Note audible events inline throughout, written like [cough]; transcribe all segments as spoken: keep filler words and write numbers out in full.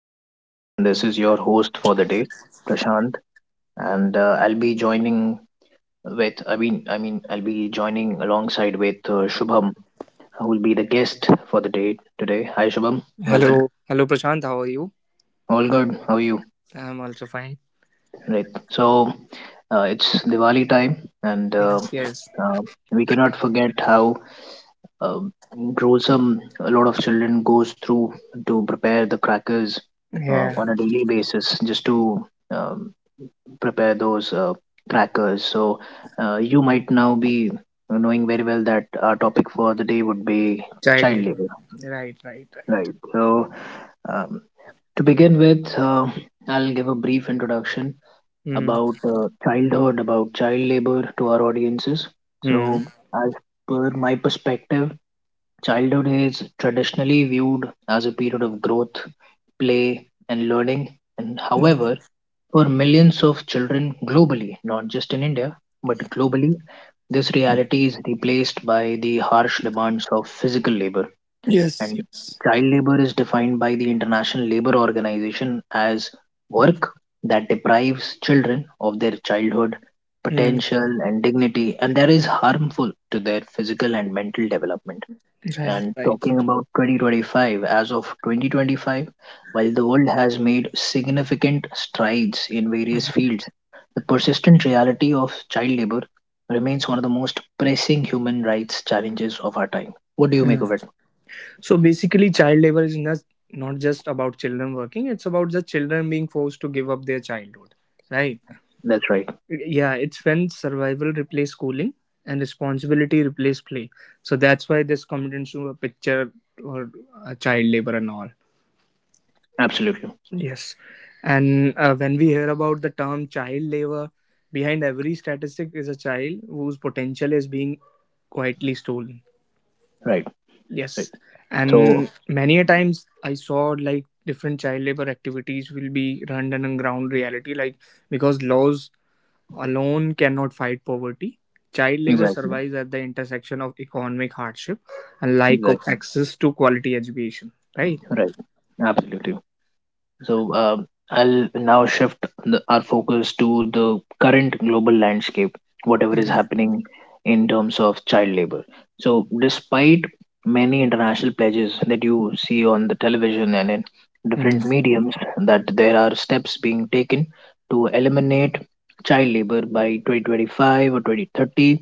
Hi everyone, this is your host for the day, Prashant, and uh, I'll be joining with I mean I mean I'll be joining alongside with uh, Shubham, who will be the guest for the day today. Hi Shubham, welcome. Hello, hello Prashant. How are you? All good. How are you? I'm also fine. Right. So uh, it's Diwali time, and uh, Yes, yes. uh, we cannot forget how um, gruesome a lot of children goes through to prepare the crackers uh, Yeah, on a daily basis just to um, prepare those uh, crackers so uh, you might now be knowing very well that our topic for the day would be child child labor. labor. Right, right, right. Right. So um, to begin with, uh, I'll give a brief introduction Mm, about uh, childhood about child labor to our audiences. So, mm. as per my perspective, childhood is traditionally viewed as a period of growth, play, and learning. And Mm. however, for millions of children globally, not just in India, but globally, this reality is replaced by the harsh demands of physical labor. Yes, And yes. child labor is defined by the International Labor Organization as work that deprives children of their childhood Mm, potential and dignity, and that is harmful to their physical and mental development. right, And right. talking about twenty twenty-five, as of twenty twenty-five, while the world has made significant strides in various Mm, fields, the persistent reality of child labor remains one of the most pressing human rights challenges of our time. What do you make mm. of it? So basically, child labor is not not just about children working. It's about the children being forced to give up their childhood. Right. That's right. Yeah, it's when survival replaces schooling and responsibility replaces play. So that's why this comes into a picture or a child labor and all. Absolutely. Yes. And uh, when we hear about the term child labor, behind every statistic is a child whose potential is being quietly stolen. Right. Right. Yes. So, And many a times I saw like different child labor activities will be run on ground reality, like because laws alone cannot fight poverty. Child labor exactly. survives at the intersection of economic hardship and lack of Exactly. access to quality education, right? Right. Absolutely. So um, I'll now shift the, our focus to the current global landscape, whatever is Mm, happening in terms of child labor. So, despite many international pledges that you see on the television and in mm, different mediums, that there are steps being taken to eliminate child labor by twenty twenty-five or twenty thirty.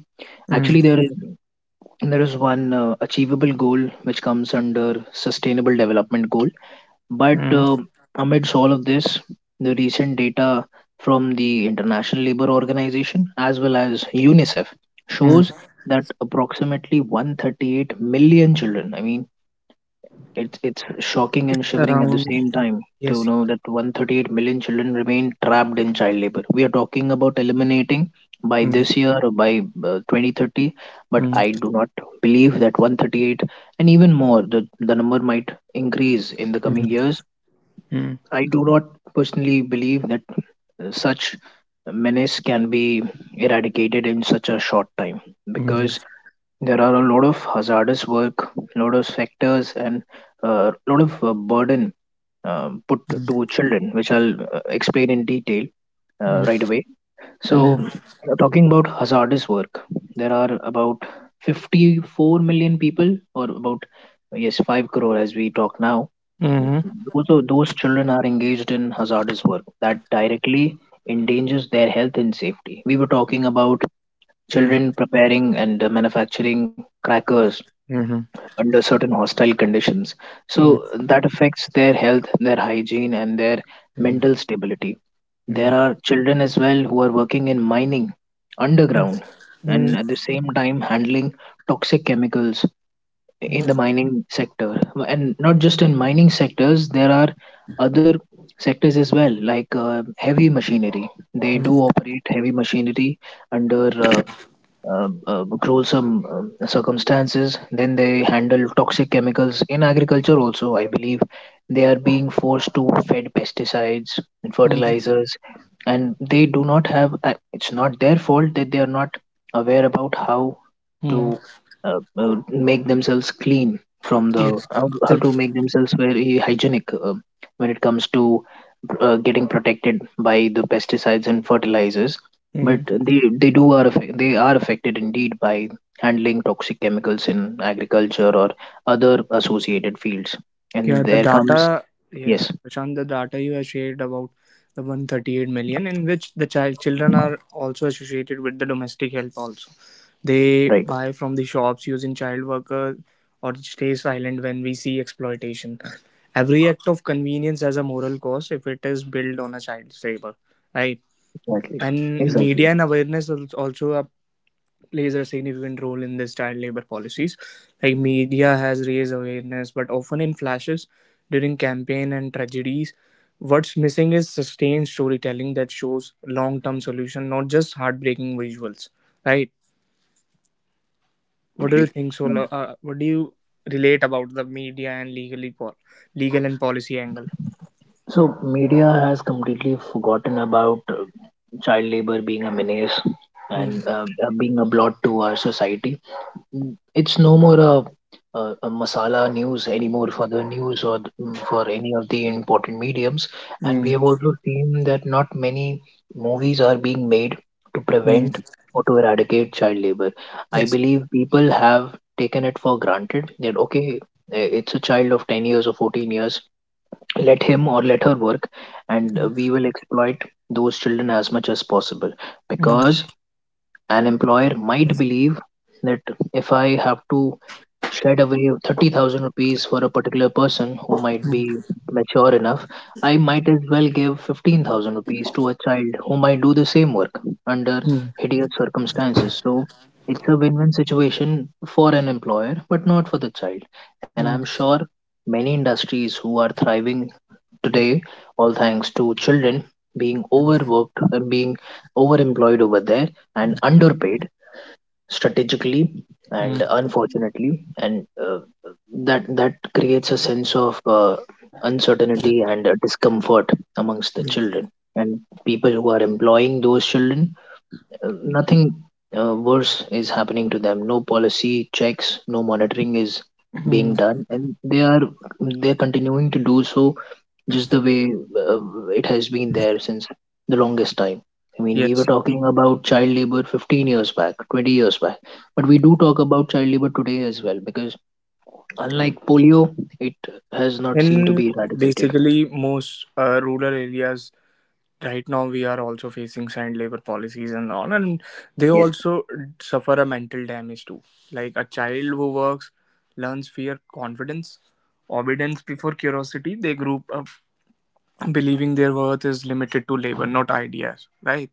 Actually, mm, there is there is one uh, achievable goal which comes under Sustainable Development Goal, but mm, uh, amidst all of this, the recent data from the International Labour Organization as well as UNICEF shows mm. that approximately one hundred thirty-eight million children. I mean, it's, it's shocking It's and shivering at the around. same time to Yes. know that one hundred thirty-eight million children remain trapped in child labor. We are talking about eliminating by Mm, this year or by uh, twenty thirty, but mm, I do not believe that one hundred thirty-eight, and even more, the, the number might increase in the mm, coming years. mm, mm, I do not personally believe that uh, such menace can be eradicated in such a short time, because mm, there are a lot of hazardous work, a lot of factors, and a lot of uh, burden um, put to children, which I'll uh, explain in detail uh, right mm, away. So, mhm, talking about hazardous work, there are about fifty-four million people, or about, yes, five crore as we talk now. mhm, Those, are- those children are engaged in hazardous work that directly endangers their health and safety. We were talking about mm, children preparing and uh, manufacturing crackers mhm, mm, mm, mm, under certain hostile conditions. mm, So, that affects their health, their hygiene, and their mental stability. There are children as well who are working in mining underground and at the same time handling toxic chemicals in the mm, mining sector. And not just in mining sectors, there are other sectors as well, like uh, heavy machinery. They do mm, operate heavy machinery under uh, um, uh, gruesome um, circumstances. Then they handle toxic chemicals in agriculture also. I believe they are being forced to fed pesticides and mm, fertilizers, and they do not have. uh, It's not their fault that they are not aware about how mm. to uh, uh, make themselves clean from the Yes. how, how to make themselves very hygienic, uh, when it comes to uh, getting protected by the pesticides and fertilizers, but So. they, they do are affect, they are affected indeed by handling toxic chemicals in agriculture or other associated fields. Yeah, And the there comes. data, yeah, Yes, Prashant, the data you have shared about the one hundred thirty-eight million, in which the child children are also associated with the domestic help. Also, right, they buy from the shops using child worker or stay silent when we see exploitation. Every act of convenience has a moral cost if it is built on a child's labor, right? exactly, And exactly, media and awareness al- also are plays a significant role in this child labor policies. Like media has raised awareness, but often in flashes during campaign and tragedies. What's missing is sustained storytelling that shows long-term solution, not just heartbreaking visuals. Right? What do absolutely. you think, Sola? Mm. Uh, what do you relate about the media and legally pol- legal and policy angle? So media has completely forgotten about uh, child labor being a menace Mm, and uh, uh, being a blot to our society. Mm. It's no more a, a, a masala news anymore for the news, or th- mm, for any of the important mediums. And we mm, have also seen that not many movies are being made to mm. prevent or to eradicate child labor. I Yes. believe people have taken it for granted that, okay, eh, it's a child of ten years or fourteen years, let him or let her work, and uh, Mm, we will exploit those children as much as possible, mm, because an employer might believe that if I have to shed away thirty thousand rupees for a particular person who might be mature enough, I might as well give fifteen thousand rupees to a child who might do the same work under hideous circumstances. So it's a win win situation for an employer, but not for the child. And I'm mm, sure many industries who are thriving today, all thanks to children being mm, overworked and being overemployed over there and underpaid strategically and mm. unfortunately, and uh, that that creates a sense of uh, uncertainty and uh, discomfort amongst the Yes. children and people who are employing those children. Uh, nothing uh, worse is happening to them. No policy checks, no monitoring is being Mm. done, and they are they're continuing to do so just the way uh, it has been there since the longest time. I mean, we were Yes. talking about child labor fifteen years back, twenty years back, but we do talk about child labor today as well because, unlike polio, it has not seemed to In be eradicated. basically most uh, rural areas right now, we are also facing signed labor policies and all, and they Yes, also suffer a mental damage too. Like a child who works learns fear, confidence, obedience before curiosity. They grew up believing their worth is limited to labor, not ideas, right?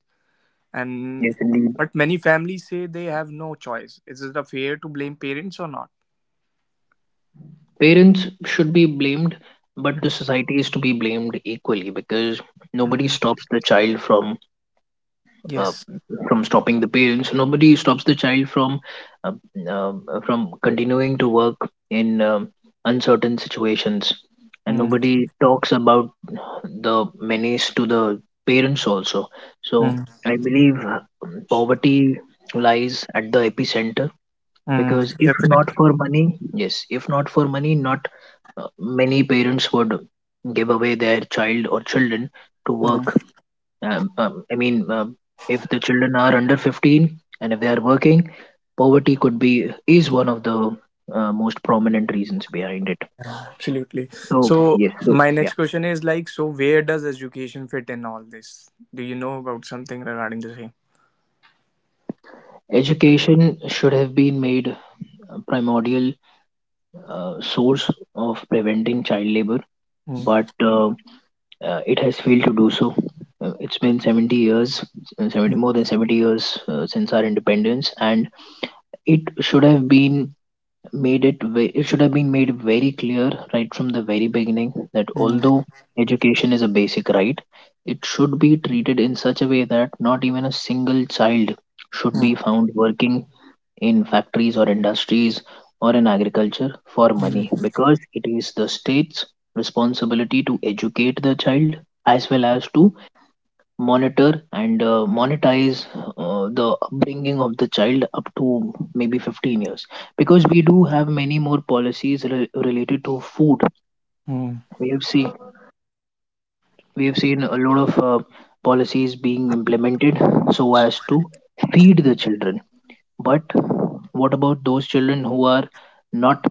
And yes, indeed. but many families say they have no choice. Is it a fair to blame parents or not? Parents should be blamed, but Mm, the society is to be blamed equally because nobody mm, stops the child from uh, yes. from stopping the parents. So nobody stops the child from uh, um, uh, from continuing to work in um, uncertain situations, and Mm, nobody talks about the menace to the parents also. So mm, I believe uh, poverty lies at the epicenter, mm, because if not definitely. for money, yes, if not for money, not uh, many parents would give away their child or children to work. Mm. um, um, I mean, um, if the children are under fifteen and if they are working, poverty could be is one of the uh, most prominent reasons behind it. Absolutely. So So yes, so my yeah, next question is like, so where does education fit in all this? Do you know about something regarding the same? education should have been made a primordial uh, source of preventing child labor, Mm, but uh, uh, it has failed to do so. Uh, It's been seventy years, uh, seventy, mm, more than seventy years, uh, since our independence, and it should have been made it ve- it should have been made very clear right from the very beginning that, mm, although education is a basic right, it should be treated in such a way that not even a single child should be mm, found working in factories or industries or in agriculture for mm, money, because it is the state's responsibility to educate the child as well as to monitor and uh, monetize uh, the upbringing of the child up to maybe fifteen years, because we do have many more policies re- related to food. mm. We have seen we have seen a lot of uh, policies being implemented so as to feed the children, but what about those children who are not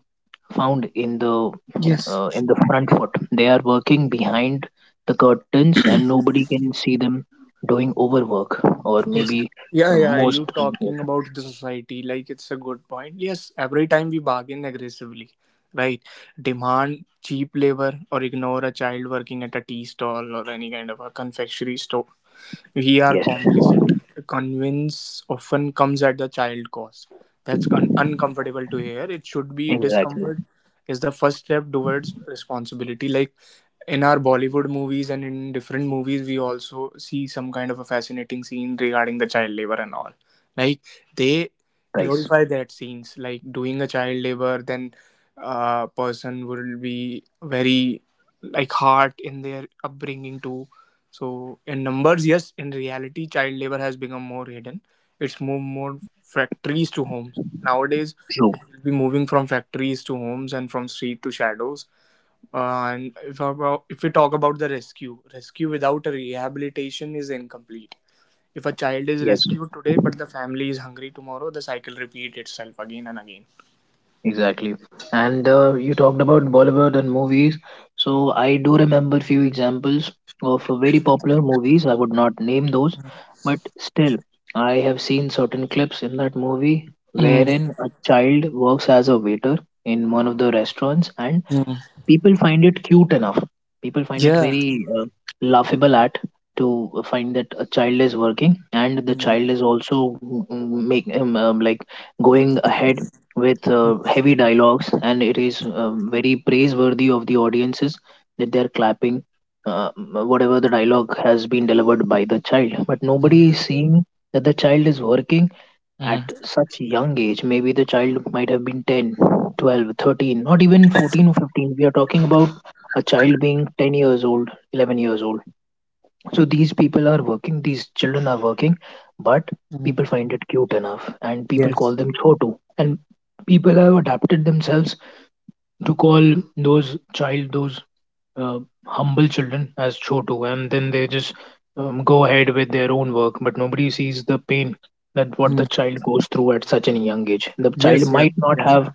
found in the Yes. uh, in the front foot? They are working behind the curtains, and nobody can see them doing overwork, or Yes. maybe Yeah, uh, yeah. most. You Yes, talking about the society, like it's a good point. Yes, every time we bargain aggressively, right? Demand cheap labor or ignore a child working at a tea stall or any kind of a confectionery store. We are yes, complicit. Convince often comes at the child cost. That's un- uncomfortable to hear. It should be exactly. discomfort is the first step towards responsibility. Like in our Bollywood movies and in different movies, we also see some kind of a fascinating scene regarding the child labor and all. Like they Nice. glorify that scenes, like doing a child labor, then a person will be very like hard in their upbringing too, so in numbers, yes. In reality, child labor has become more hidden. It's moved more factories to homes. Nowadays, True. it will be moving from factories to homes and from street to shadows. Uh, and if, about, if we talk about the rescue, rescue without a rehabilitation is incomplete. If a child is Yes. rescued today, but the family is hungry tomorrow, the cycle repeats itself again and again. Exactly. And uh, you talked about Bollywood and movies. So I do remember few examples of very popular movies. I would not name those, but still, I have seen certain clips in that movie Mm, wherein a child works as a waiter in one of the restaurants, and mm, people find it cute enough. People find it yeah. very uh, laughable at to find that a child is working, and the Mm, child is also mm, mm, make um, um, like going ahead with uh, mm, heavy dialogues, and it is um, very praiseworthy of the audiences that they are clapping uh, whatever the dialogue has been delivered by the child, but mm, nobody is seeing that the child is working at mhm, such young age. Maybe the child might have been ten, twelve, thirteen, not even fourteen or fifteen. We are talking about a child being ten years old, eleven years old. So these people are working, these children are working, but mhm. people find it cute enough, and people Yes. call them chotu. And people have adapted themselves to call those child, those uh, humble children as Chotu, and then they just um, go ahead with their own work, but nobody sees the pain that what Mm, the child goes through at such a young age. The child yes. Yes. might not Yes. have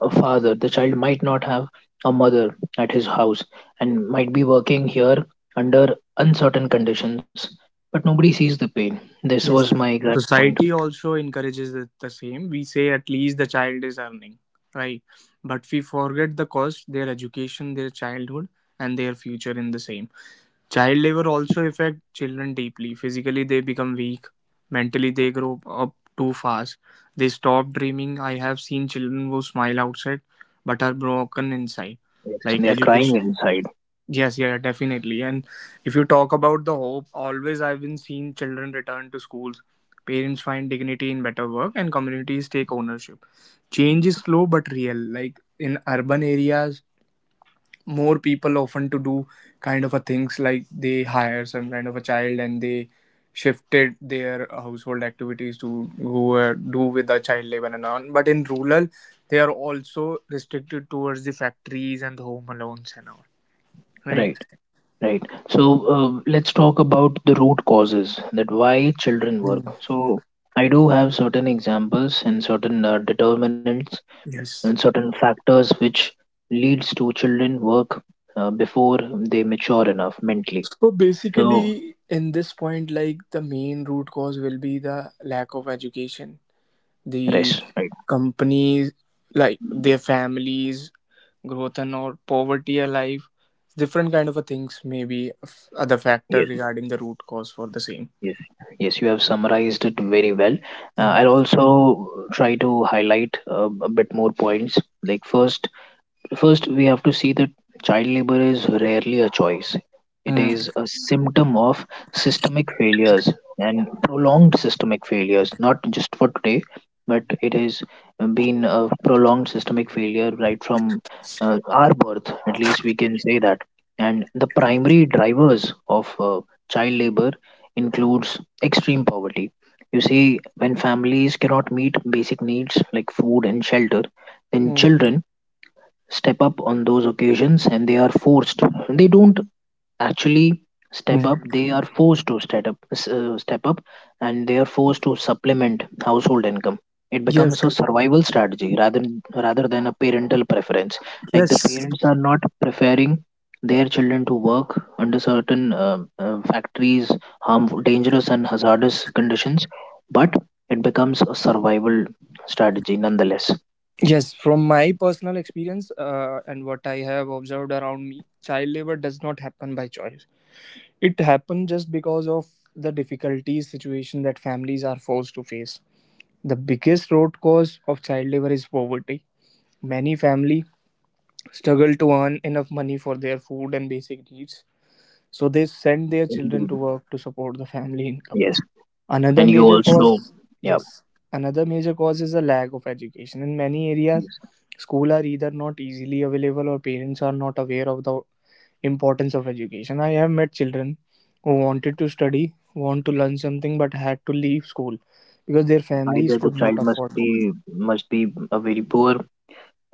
a father, the child might not have a mother at his house, and might be working here under uncertain conditions, but nobody sees the pain. This was Yes. my exact point. Society also encourages it the same. We say at least the child is earning, right? But we forget the cost, their education, their childhood, and their future in the same. Child labor also affect children deeply. Physically, they become weak. Mentally, they grow up too fast. They stop dreaming. I have seen children who smile outside but are broken inside. Yes, Like they are crying education. inside, Yes, yeah, definitely. And if you talk about the hope, always I've been seeing children return to schools. Parents find dignity in better work and communities take ownership. Change is slow but real. Like in urban areas, more people often to do kind of a things like they hire some kind of a child and they shifted their household activities to who uh, do with the child labor and on. But in rural, they are also restricted towards the factories and the home alones and all. Right. right? Right. So uh, let's talk about the root causes that why children work. So I do have certain examples and certain uh, determinants and Yes. certain factors which leads to children work uh, before they mature enough mentally. So So basically, in this point, like the main root cause will be the lack of education. rest. The Right. companies, like their families, growth and or poverty alive, different kind of a things may be f- other factor Yes. regarding the root cause for the same. Yes. Yes. You have summarized it very well. Uh, I'll Mm. also try to highlight uh, a bit more points. Like first, First, we have to see that child labor is rarely a choice. It Mm. is a symptom of systemic failures and prolonged systemic failures, not just for today, but it has been a prolonged systemic failure right from uh, our birth, at least we can say that. And the primary drivers of uh, child labor includes extreme poverty. You see, when families cannot meet basic needs like food and shelter, then Mm. children step up on those occasions, and they are forced, they don't actually step up, Mm. they are forced to step up, s- uh, step up and they are forced to supplement household income. It Yes, becomes a survival strategy rather rather than a parental preference. Like the yes. parents are not preferring their children to work under certain uh, uh, factories, harmful, dangerous and hazardous conditions, but it becomes a survival strategy nonetheless. Yes, from my personal experience uh, and what I have observed around me, child labor does not happen by choice. It happens just because of the difficulties situation that families are forced to face. The biggest root cause of child labor is poverty. Many families struggle to earn enough money for their food and basic needs, so they send their children to Indeed. work to support the family income. Yes. Another And you major also, cause, yeah, yes, another major cause is a lack of education. In many areas, yes. school are either not easily available or parents are not aware of the importance of education. I have met children who wanted to study, want to learn something, but had to leave school because their families Either the could not child must afford books. be must be a very poor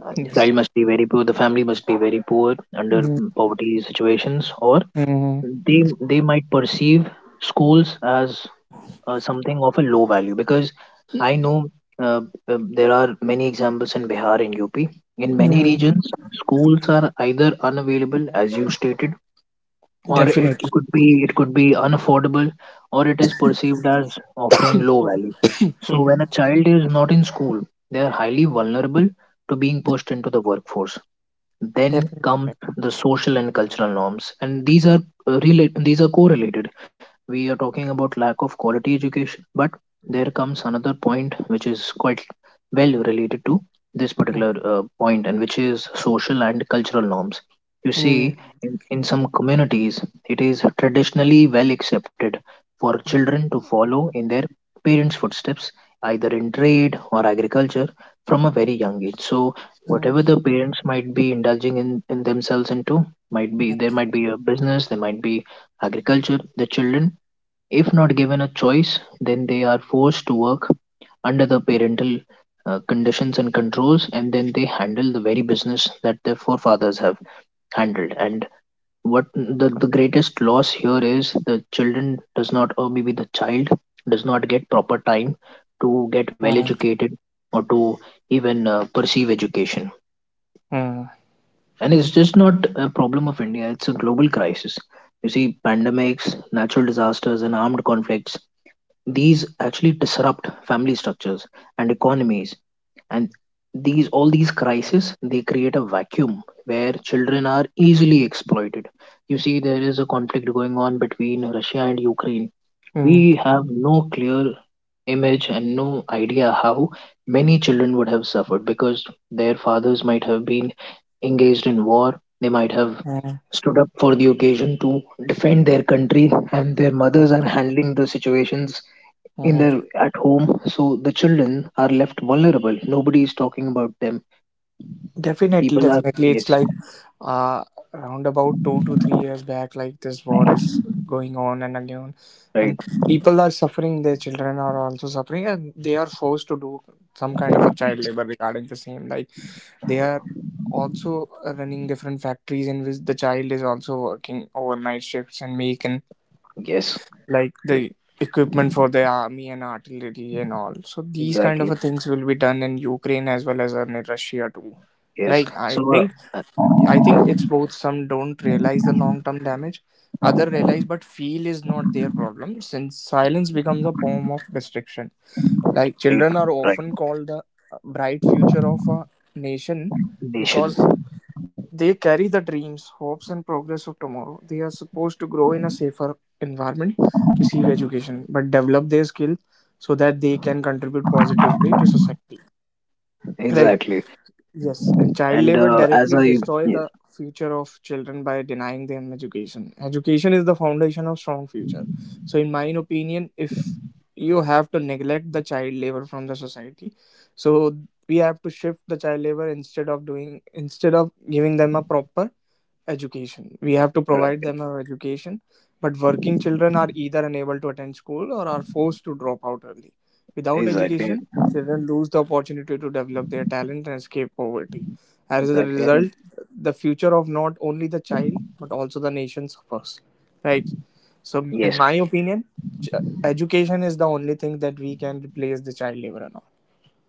uh, Yes. child, must be very poor, the family must be very poor, under Hmm. poverty situations, or Hmm. they they might perceive schools as uh, something of a low value, because I know, uh, uh, there are many examples in Bihar and UP. In many Hmm. regions, schools are either unavailable, as you stated, or it Definitely. could be it could be unaffordable, or it is perceived as offering low value. So Mm. when a child is not in school, they are highly vulnerable to being pushed into the workforce. Then Definitely. come the social and cultural norms, and these are, uh, relate these are correlated. We are talking about lack of quality education, but there comes another point which is quite well related to this Mm, particular uh, point, and which is social and cultural norms. You mm, see, in, in some communities, it is traditionally well accepted for children to follow in their parents' footsteps, either in trade or agriculture, from a very young age. So whatever mm, the parents might be indulging in, in themselves into, might be, there might be a business, there might be agriculture, the children, if not given a choice, then they are forced to work under the parental uh, conditions and controls, and then they handle the very business that their forefathers have handled. And what the, the greatest loss here is, the children does not, or maybe the child does not get proper time to get well mm, educated, or to even uh, perceive education. mm, And it's just not a problem of India, it's a global crisis. You see, pandemics, natural disasters and armed conflicts, these actually disrupt family structures and economies. And these all these crises, they create a vacuum where children are easily exploited. You see, there is a conflict going on between Russia and Ukraine. mm, We have no clear image and no idea how many children would have suffered, because their fathers might have been engaged in war, they might have stood up for the occasion to defend their country, and their mothers are handling the situations in mm. their at home. So the children are left vulnerable, nobody is talking about them. Definitely, People are, definitely. It's yes. like uh around about two to three years back, like this war is going on and again, Right. and people are suffering, their children are also suffering and they are forced to do some kind of a child labor regarding the same. Like they are also running different factories in which the child is also working overnight shifts and making Yes. like Yes. the equipment for the army and artillery and all, so these kind of a Exactly. things will be done in Ukraine as well as in Russia too, Yes. right? I so, uh, think uh, I think it's both. Some don't realize the long term damage, other realize, but feel is not their problem since silence becomes a form of restriction. Like right. children are Right. often called the bright future of a nation Nation. because they carry the dreams, hopes, and progress of tomorrow. They are supposed to grow in a safer environment, receive education, but develop their skills so that they can contribute positively to society. Right. Exactly. Yes, and child And labor uh, as directly I, destroy yes, the future of children by denying them education. Education is the foundation of strong future. So, in my opinion, if you have to neglect the child labor from the society, so we have to shift the child labor instead of doing instead of giving them a proper education. We have to provide right, them an education, but working children are either unable to attend school or are forced to drop out early. Without exactly, education, children lose the opportunity to develop their talent and escape poverty. As a exactly, result, and the future of not only the child but also the nation suffers. Right. So, in yes, my opinion, ch- education is the only thing that we can replace the child labor and all.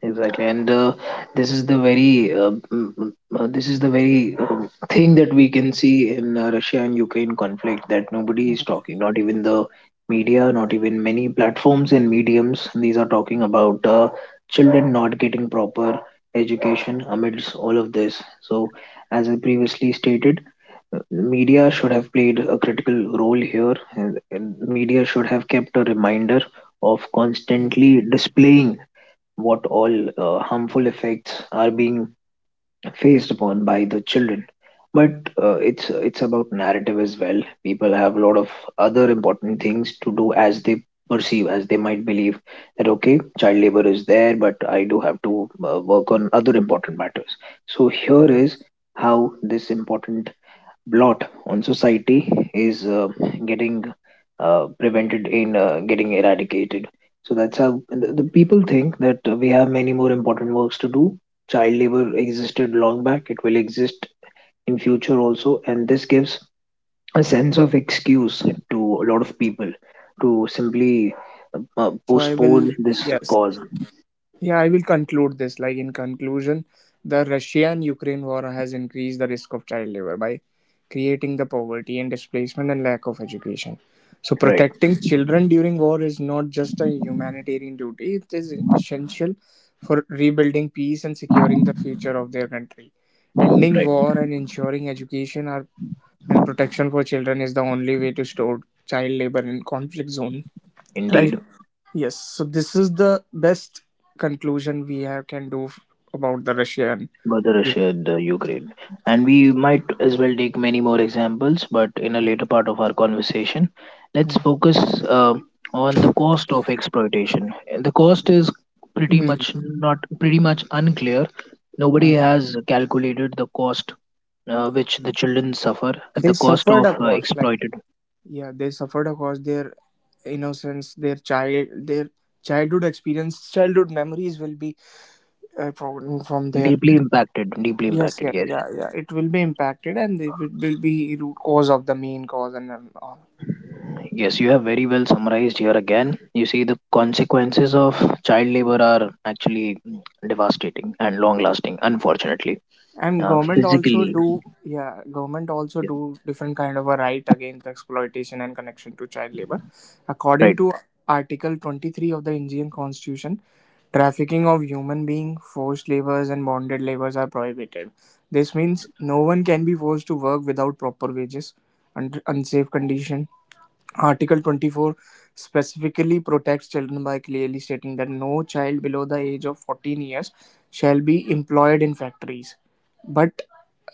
exactly. And uh, this is the very uh, mm, mm, uh, this is the very uh, thing that we can see in uh, Russia and Ukraine conflict, that nobody is Mm, talking, not even the media, not even many platforms and mediums. These are talking about uh, children not getting proper education amidst all of this. So, as I previously stated, media should have played a critical role here, and, and media should have kept a reminder of yeah. constantly displaying what all uh, harmful effects are being faced upon by the children. But uh, it's it's about narrative as well. People have a lot of other important things to do, as they perceive, as they might believe, that okay, child labor is there, but I do have to uh, work on other important matters. So here Mm, is how this important blot on society is uh, getting uh, prevented in uh, getting eradicated. So that's how the the mm. people think that uh, we have many more important works to do. Child labor existed long back; it will exist in future also, and this gives a sense of excuse Yeah. to a lot of people to simply uh, So I will. postpone this Yes. cause. Yeah, I will conclude this. Like in conclusion, the Russia and Ukraine war has increased the risk of child labor by creating the poverty and displacement and lack of education. So Right, protecting children during war is not just a humanitarian duty, it is essential for rebuilding peace and securing the future of their country. Ending right, war and ensuring education are, and protection for children is the only way to stop child labor in conflict zones. [laughs] Right. indeed. Yes, so this is the best conclusion we have can do f- about the Russian. Mother Russia, the Ukraine. And we might as well take many more examples, but in a Ukraine. later part of our conversation, let's Mm, focus uh, on the cost of exploitation. The cost is pretty much mm, not pretty much unclear. Nobody mm. has calculated the cost uh, which the children suffer at the They cost suffered of a uh, cost, like exploited, yeah, they suffered a cost. Their innocence, their child, their childhood experience, childhood memories will be uh, from from their. deeply impacted, deeply Yes, impacted. yeah, Yes. yeah, yeah. It will be impacted, and it will will be root cause of the main cause and um, all. Yes, you have very well summarized here again. You see, the consequences of child labor are actually devastating and long lasting, unfortunately. And Uh, government also physically, do, yeah, government also yes, do different kind of a right against exploitation and connection to child labor, according right, to Article twenty-three of the Indian Constitution. Trafficking of human being, forced labors and bonded labors are prohibited. This yes, means no one can be forced to work without proper wages under unsafe condition. Article twenty-four specifically protects children by clearly stating that no child below the age of fourteen years shall be employed in factories, but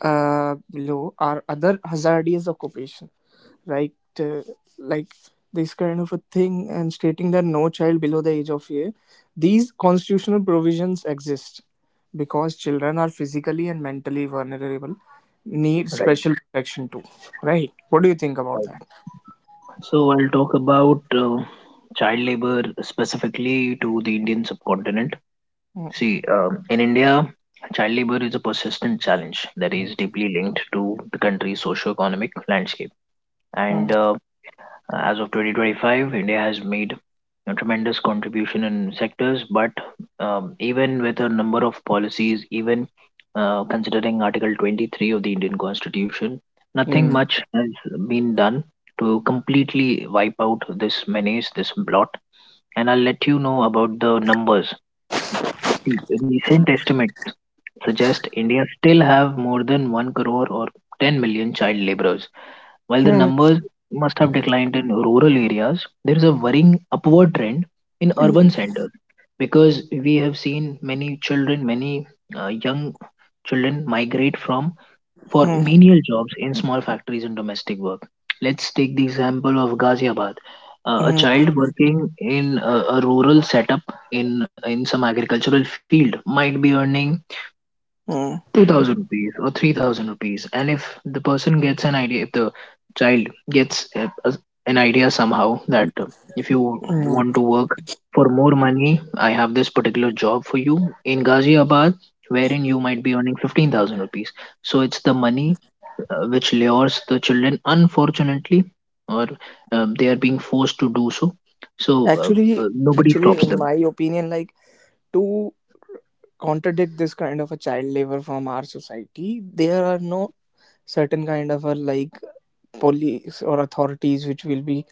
uh, below are other hazardous occupation, right? Uh, like this kind of a thing, and stating that no child below the age of year. These constitutional provisions exist because children are physically and mentally vulnerable, need right, special protection too, right? What do you think about right. that? So, I'll talk about uh, child labor specifically to the Indian subcontinent. Hmm. See, um, in India, child labor is a persistent challenge that is deeply linked to the country's socio-economic landscape. And Hmm. uh, as of twenty twenty-five, India has made a tremendous contribution in sectors. But um, even with a number of policies, even uh, considering Article twenty-three of the Indian Constitution, nothing Mm. much has been done to completely wipe out this menace, this blot. And I'll let you know about the numbers. See, recent estimates suggest India still have more than 1 crore or 10 million child laborers. While the Mm. numbers must have declined in rural areas, there is a worrying upward trend in Mm. urban centers, because we have seen many children, many uh, young children migrate from for Mm. menial jobs in small factories and domestic work. Let's take the example of Ghaziabad. Uh, a Mm. child working in a, a rural setup in in some agricultural field might be earning Mm. two thousand rupees or three thousand rupees. And if the person gets an idea, if the child gets a, a- an idea somehow that uh, if you want to Mm. work for more money, I have this particular job for you in Ghaziabad, wherein you might be earning fifteen thousand rupees. So it's the money uh, which lures the children, unfortunately, or um, they are being forced to do so. So uh, Actually, uh, nobody actually, stops in them. my opinion, like to contradict this kind of a child labor from our society, there are no certain kind of a like police or authorities which will be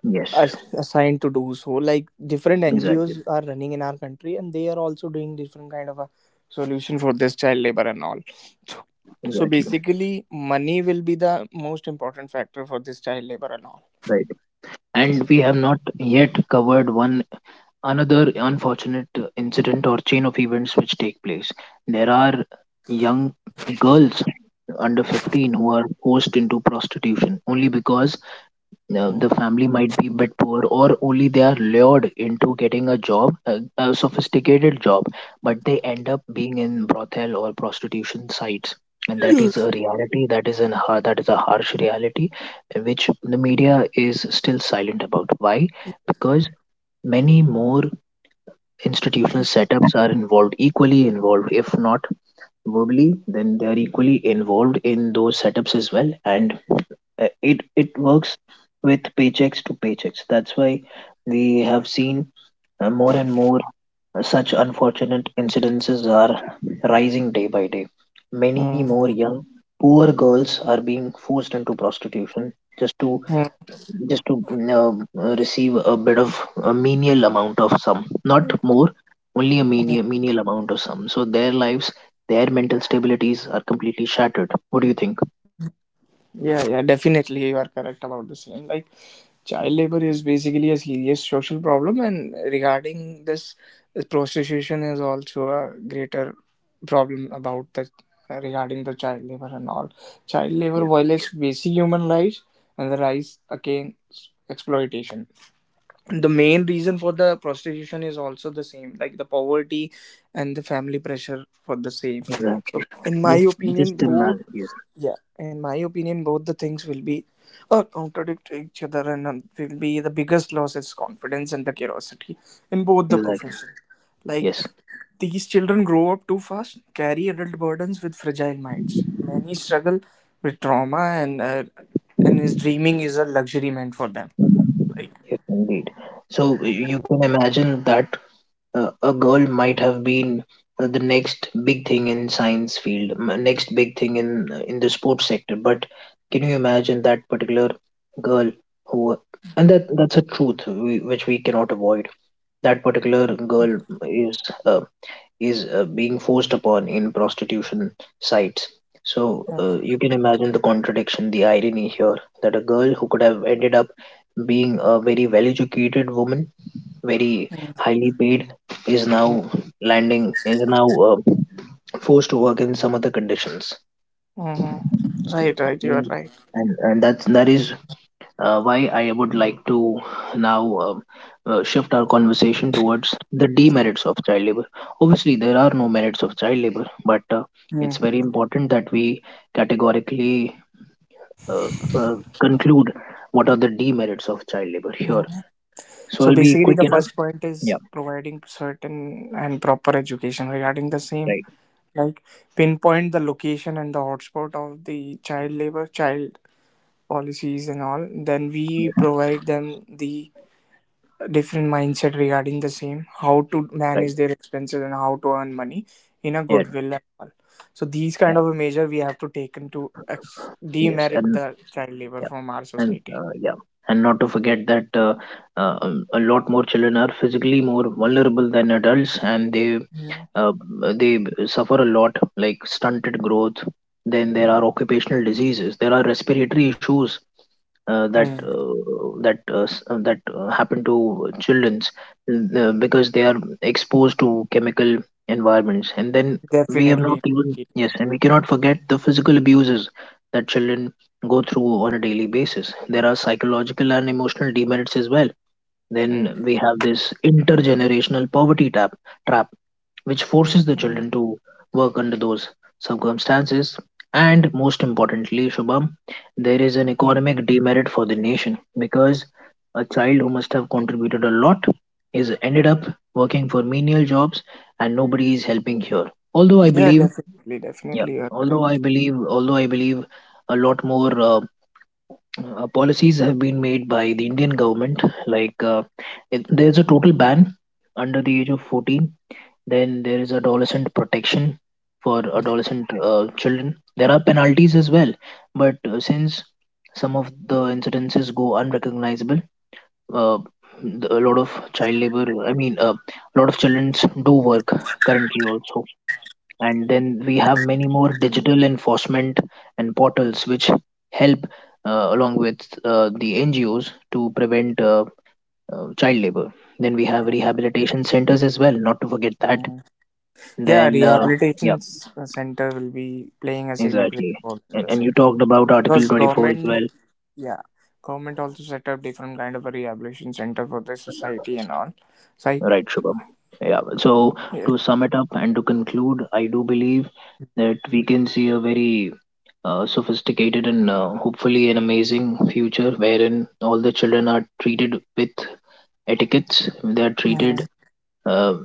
Yes. as- assigned to do so. Like different Exactly. N G Os are running in our country, and they are also doing different kind of a solution for this child labor and all. So, so Exactly. basically, money will be the most important factor for this child labor and all. Right. And Yes. we have not yet covered one another unfortunate incident or chain of events which take place. There are young girls under fifteen who are forced into prostitution, only because now Mm. the family might be bit poor, or only they are lured into getting a job, a, a sophisticated job, but they end up being in brothel or prostitution sites, and that is Yes. a reality. That is an har- that is a harsh reality, uh, which the media is still silent about. Why? Because many more institutional setups are involved, equally involved, if not verbally, then they are equally involved in those setups as well. And uh, it it works with paychecks to paychecks. That's why we have seen uh, more and more such unfortunate incidences are rising day by day. Many Mm, more young poor girls are being forced into prostitution, just to mm, just to uh, receive a bit of a menial amount of sum, not more, only a mm. menial, menial amount of sum. So their lives, their mental stabilities are completely shattered. What do you think? Yeah, yeah, definitely you are correct about the same. Like child labor is basically a serious social problem, and regarding this, prostitution is also a greater problem about the regarding the child labor and all. Child labor violates basic human rights and the rise against exploitation. The main reason for the prostitution is also the same, like the poverty and the family pressure for the same. So Exactly. in my Just opinion just both, imagine. Yes, yeah, in my opinion both the things will be uh, contradict to each other and um, will be the biggest loss is confidence and the curiosity in both the exactly. profession. Like Yes, these children grow up too fast, carry adult burdens with fragile minds. Many struggle with trauma, and uh, and his dreaming is a luxury meant for them. Like, yes, indeed. So y- you can imagine that uh, a girl might have been uh, the next big thing in science field, m- next big thing in uh, in the sports sector. But can you imagine that particular girl, who? And that that's a truth, we, which we cannot avoid. That particular girl is uh, is uh, being forced upon in prostitution sites. So uh, you can imagine the contradiction, the irony here, that a girl who could have ended up being a very well educated woman, very highly paid, is now landing, is now uh, forced to work in some other conditions. hmm. Right, right, you are Mm. right. And, and that's, that is uh, why I would like to now um uh, shift our conversation towards the demerits of child labor. Obviously, there are no merits of child labor, but uh, it's very important that we categorically uh, uh, conclude what are the demerits of child labor here. Mm-hmm. So So I'll be basically, quick the enough. first point Yeah, is providing certain and proper education regarding the same, right. like pinpoint the location and the hotspot of the child labor, child policies, and all. Then we Yes, provide them the different mindset regarding the same, how to right. manage their expenses and how to earn money in a Yeah, goodwill and all. So these yeah, kind of a measure we have to take into ex- yes, demerit and the child labor from our and society. uh, yeah, and not to forget that uh, uh, um, a lot more children are physically more vulnerable than adults, and they uh, they suffer a lot, like stunted growth. Then there are occupational diseases, there are respiratory issues, uh, that Mm, uh, that uh, s- uh, that uh, happen to childrens, uh, because they are exposed to chemical environments. And then we have not definitely. even, Indeed. yes, and we cannot forget the physical abuses that children go through on a daily basis. There are psychological and emotional demerits as well. Mm, Then we have this intergenerational poverty tap, trap, which forces the mm, children to work under those circumstances. And most importantly, Shubham, there is an mm. economic demerit for the nation, because a child who must have contributed a lot is ended up working for menial jobs, and nobody is helping here. Although I Yeah, believe, definitely, yeah, definitely, you're although I correct. believe, although I believe, a lot more uh, uh, policies have been made by the Indian government. Like uh, it, there's a total ban under the age of fourteen. Then there is adolescent protection for Mm, adolescent uh, children. There are penalties as well, but uh, since some of the incidences go unrecognizable, uh, the- a lot of child labor. I mean, uh, a lot of children do work currently also. And then we have many more digital enforcement and portals which help, uh, along with uh, the N G Os, to prevent uh, uh, child labor. Then we have mm, rehabilitation centers as well, not to forget that. mm. Yeah, Then, uh, rehabilitation yeah, s- uh, center will be playing a significant exactly. role in And, the and same you talked about because Article twenty-four as government, well, yeah, government also set up different kind of a rehabilitation center for the society and all. So I, right, Shubham? Yeah, so yes, to sum it up and to conclude, I do believe that we can see a very uh, sophisticated, and uh, hopefully an amazing future wherein all the children are treated with etiquettes, they are treated mm, uh,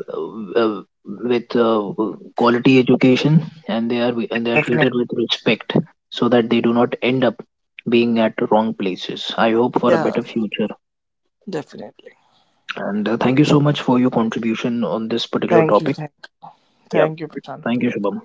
uh, with uh, quality education, and they are and they [clears throat] are definitely, treated with respect, so that they do not end up being at wrong places. I hope for a yeah, better future, definitely. and uh, thank you so much for your contribution on this particular Thank you, topic. thank, Yeah, thank you, Prashant. thank you, Shubham.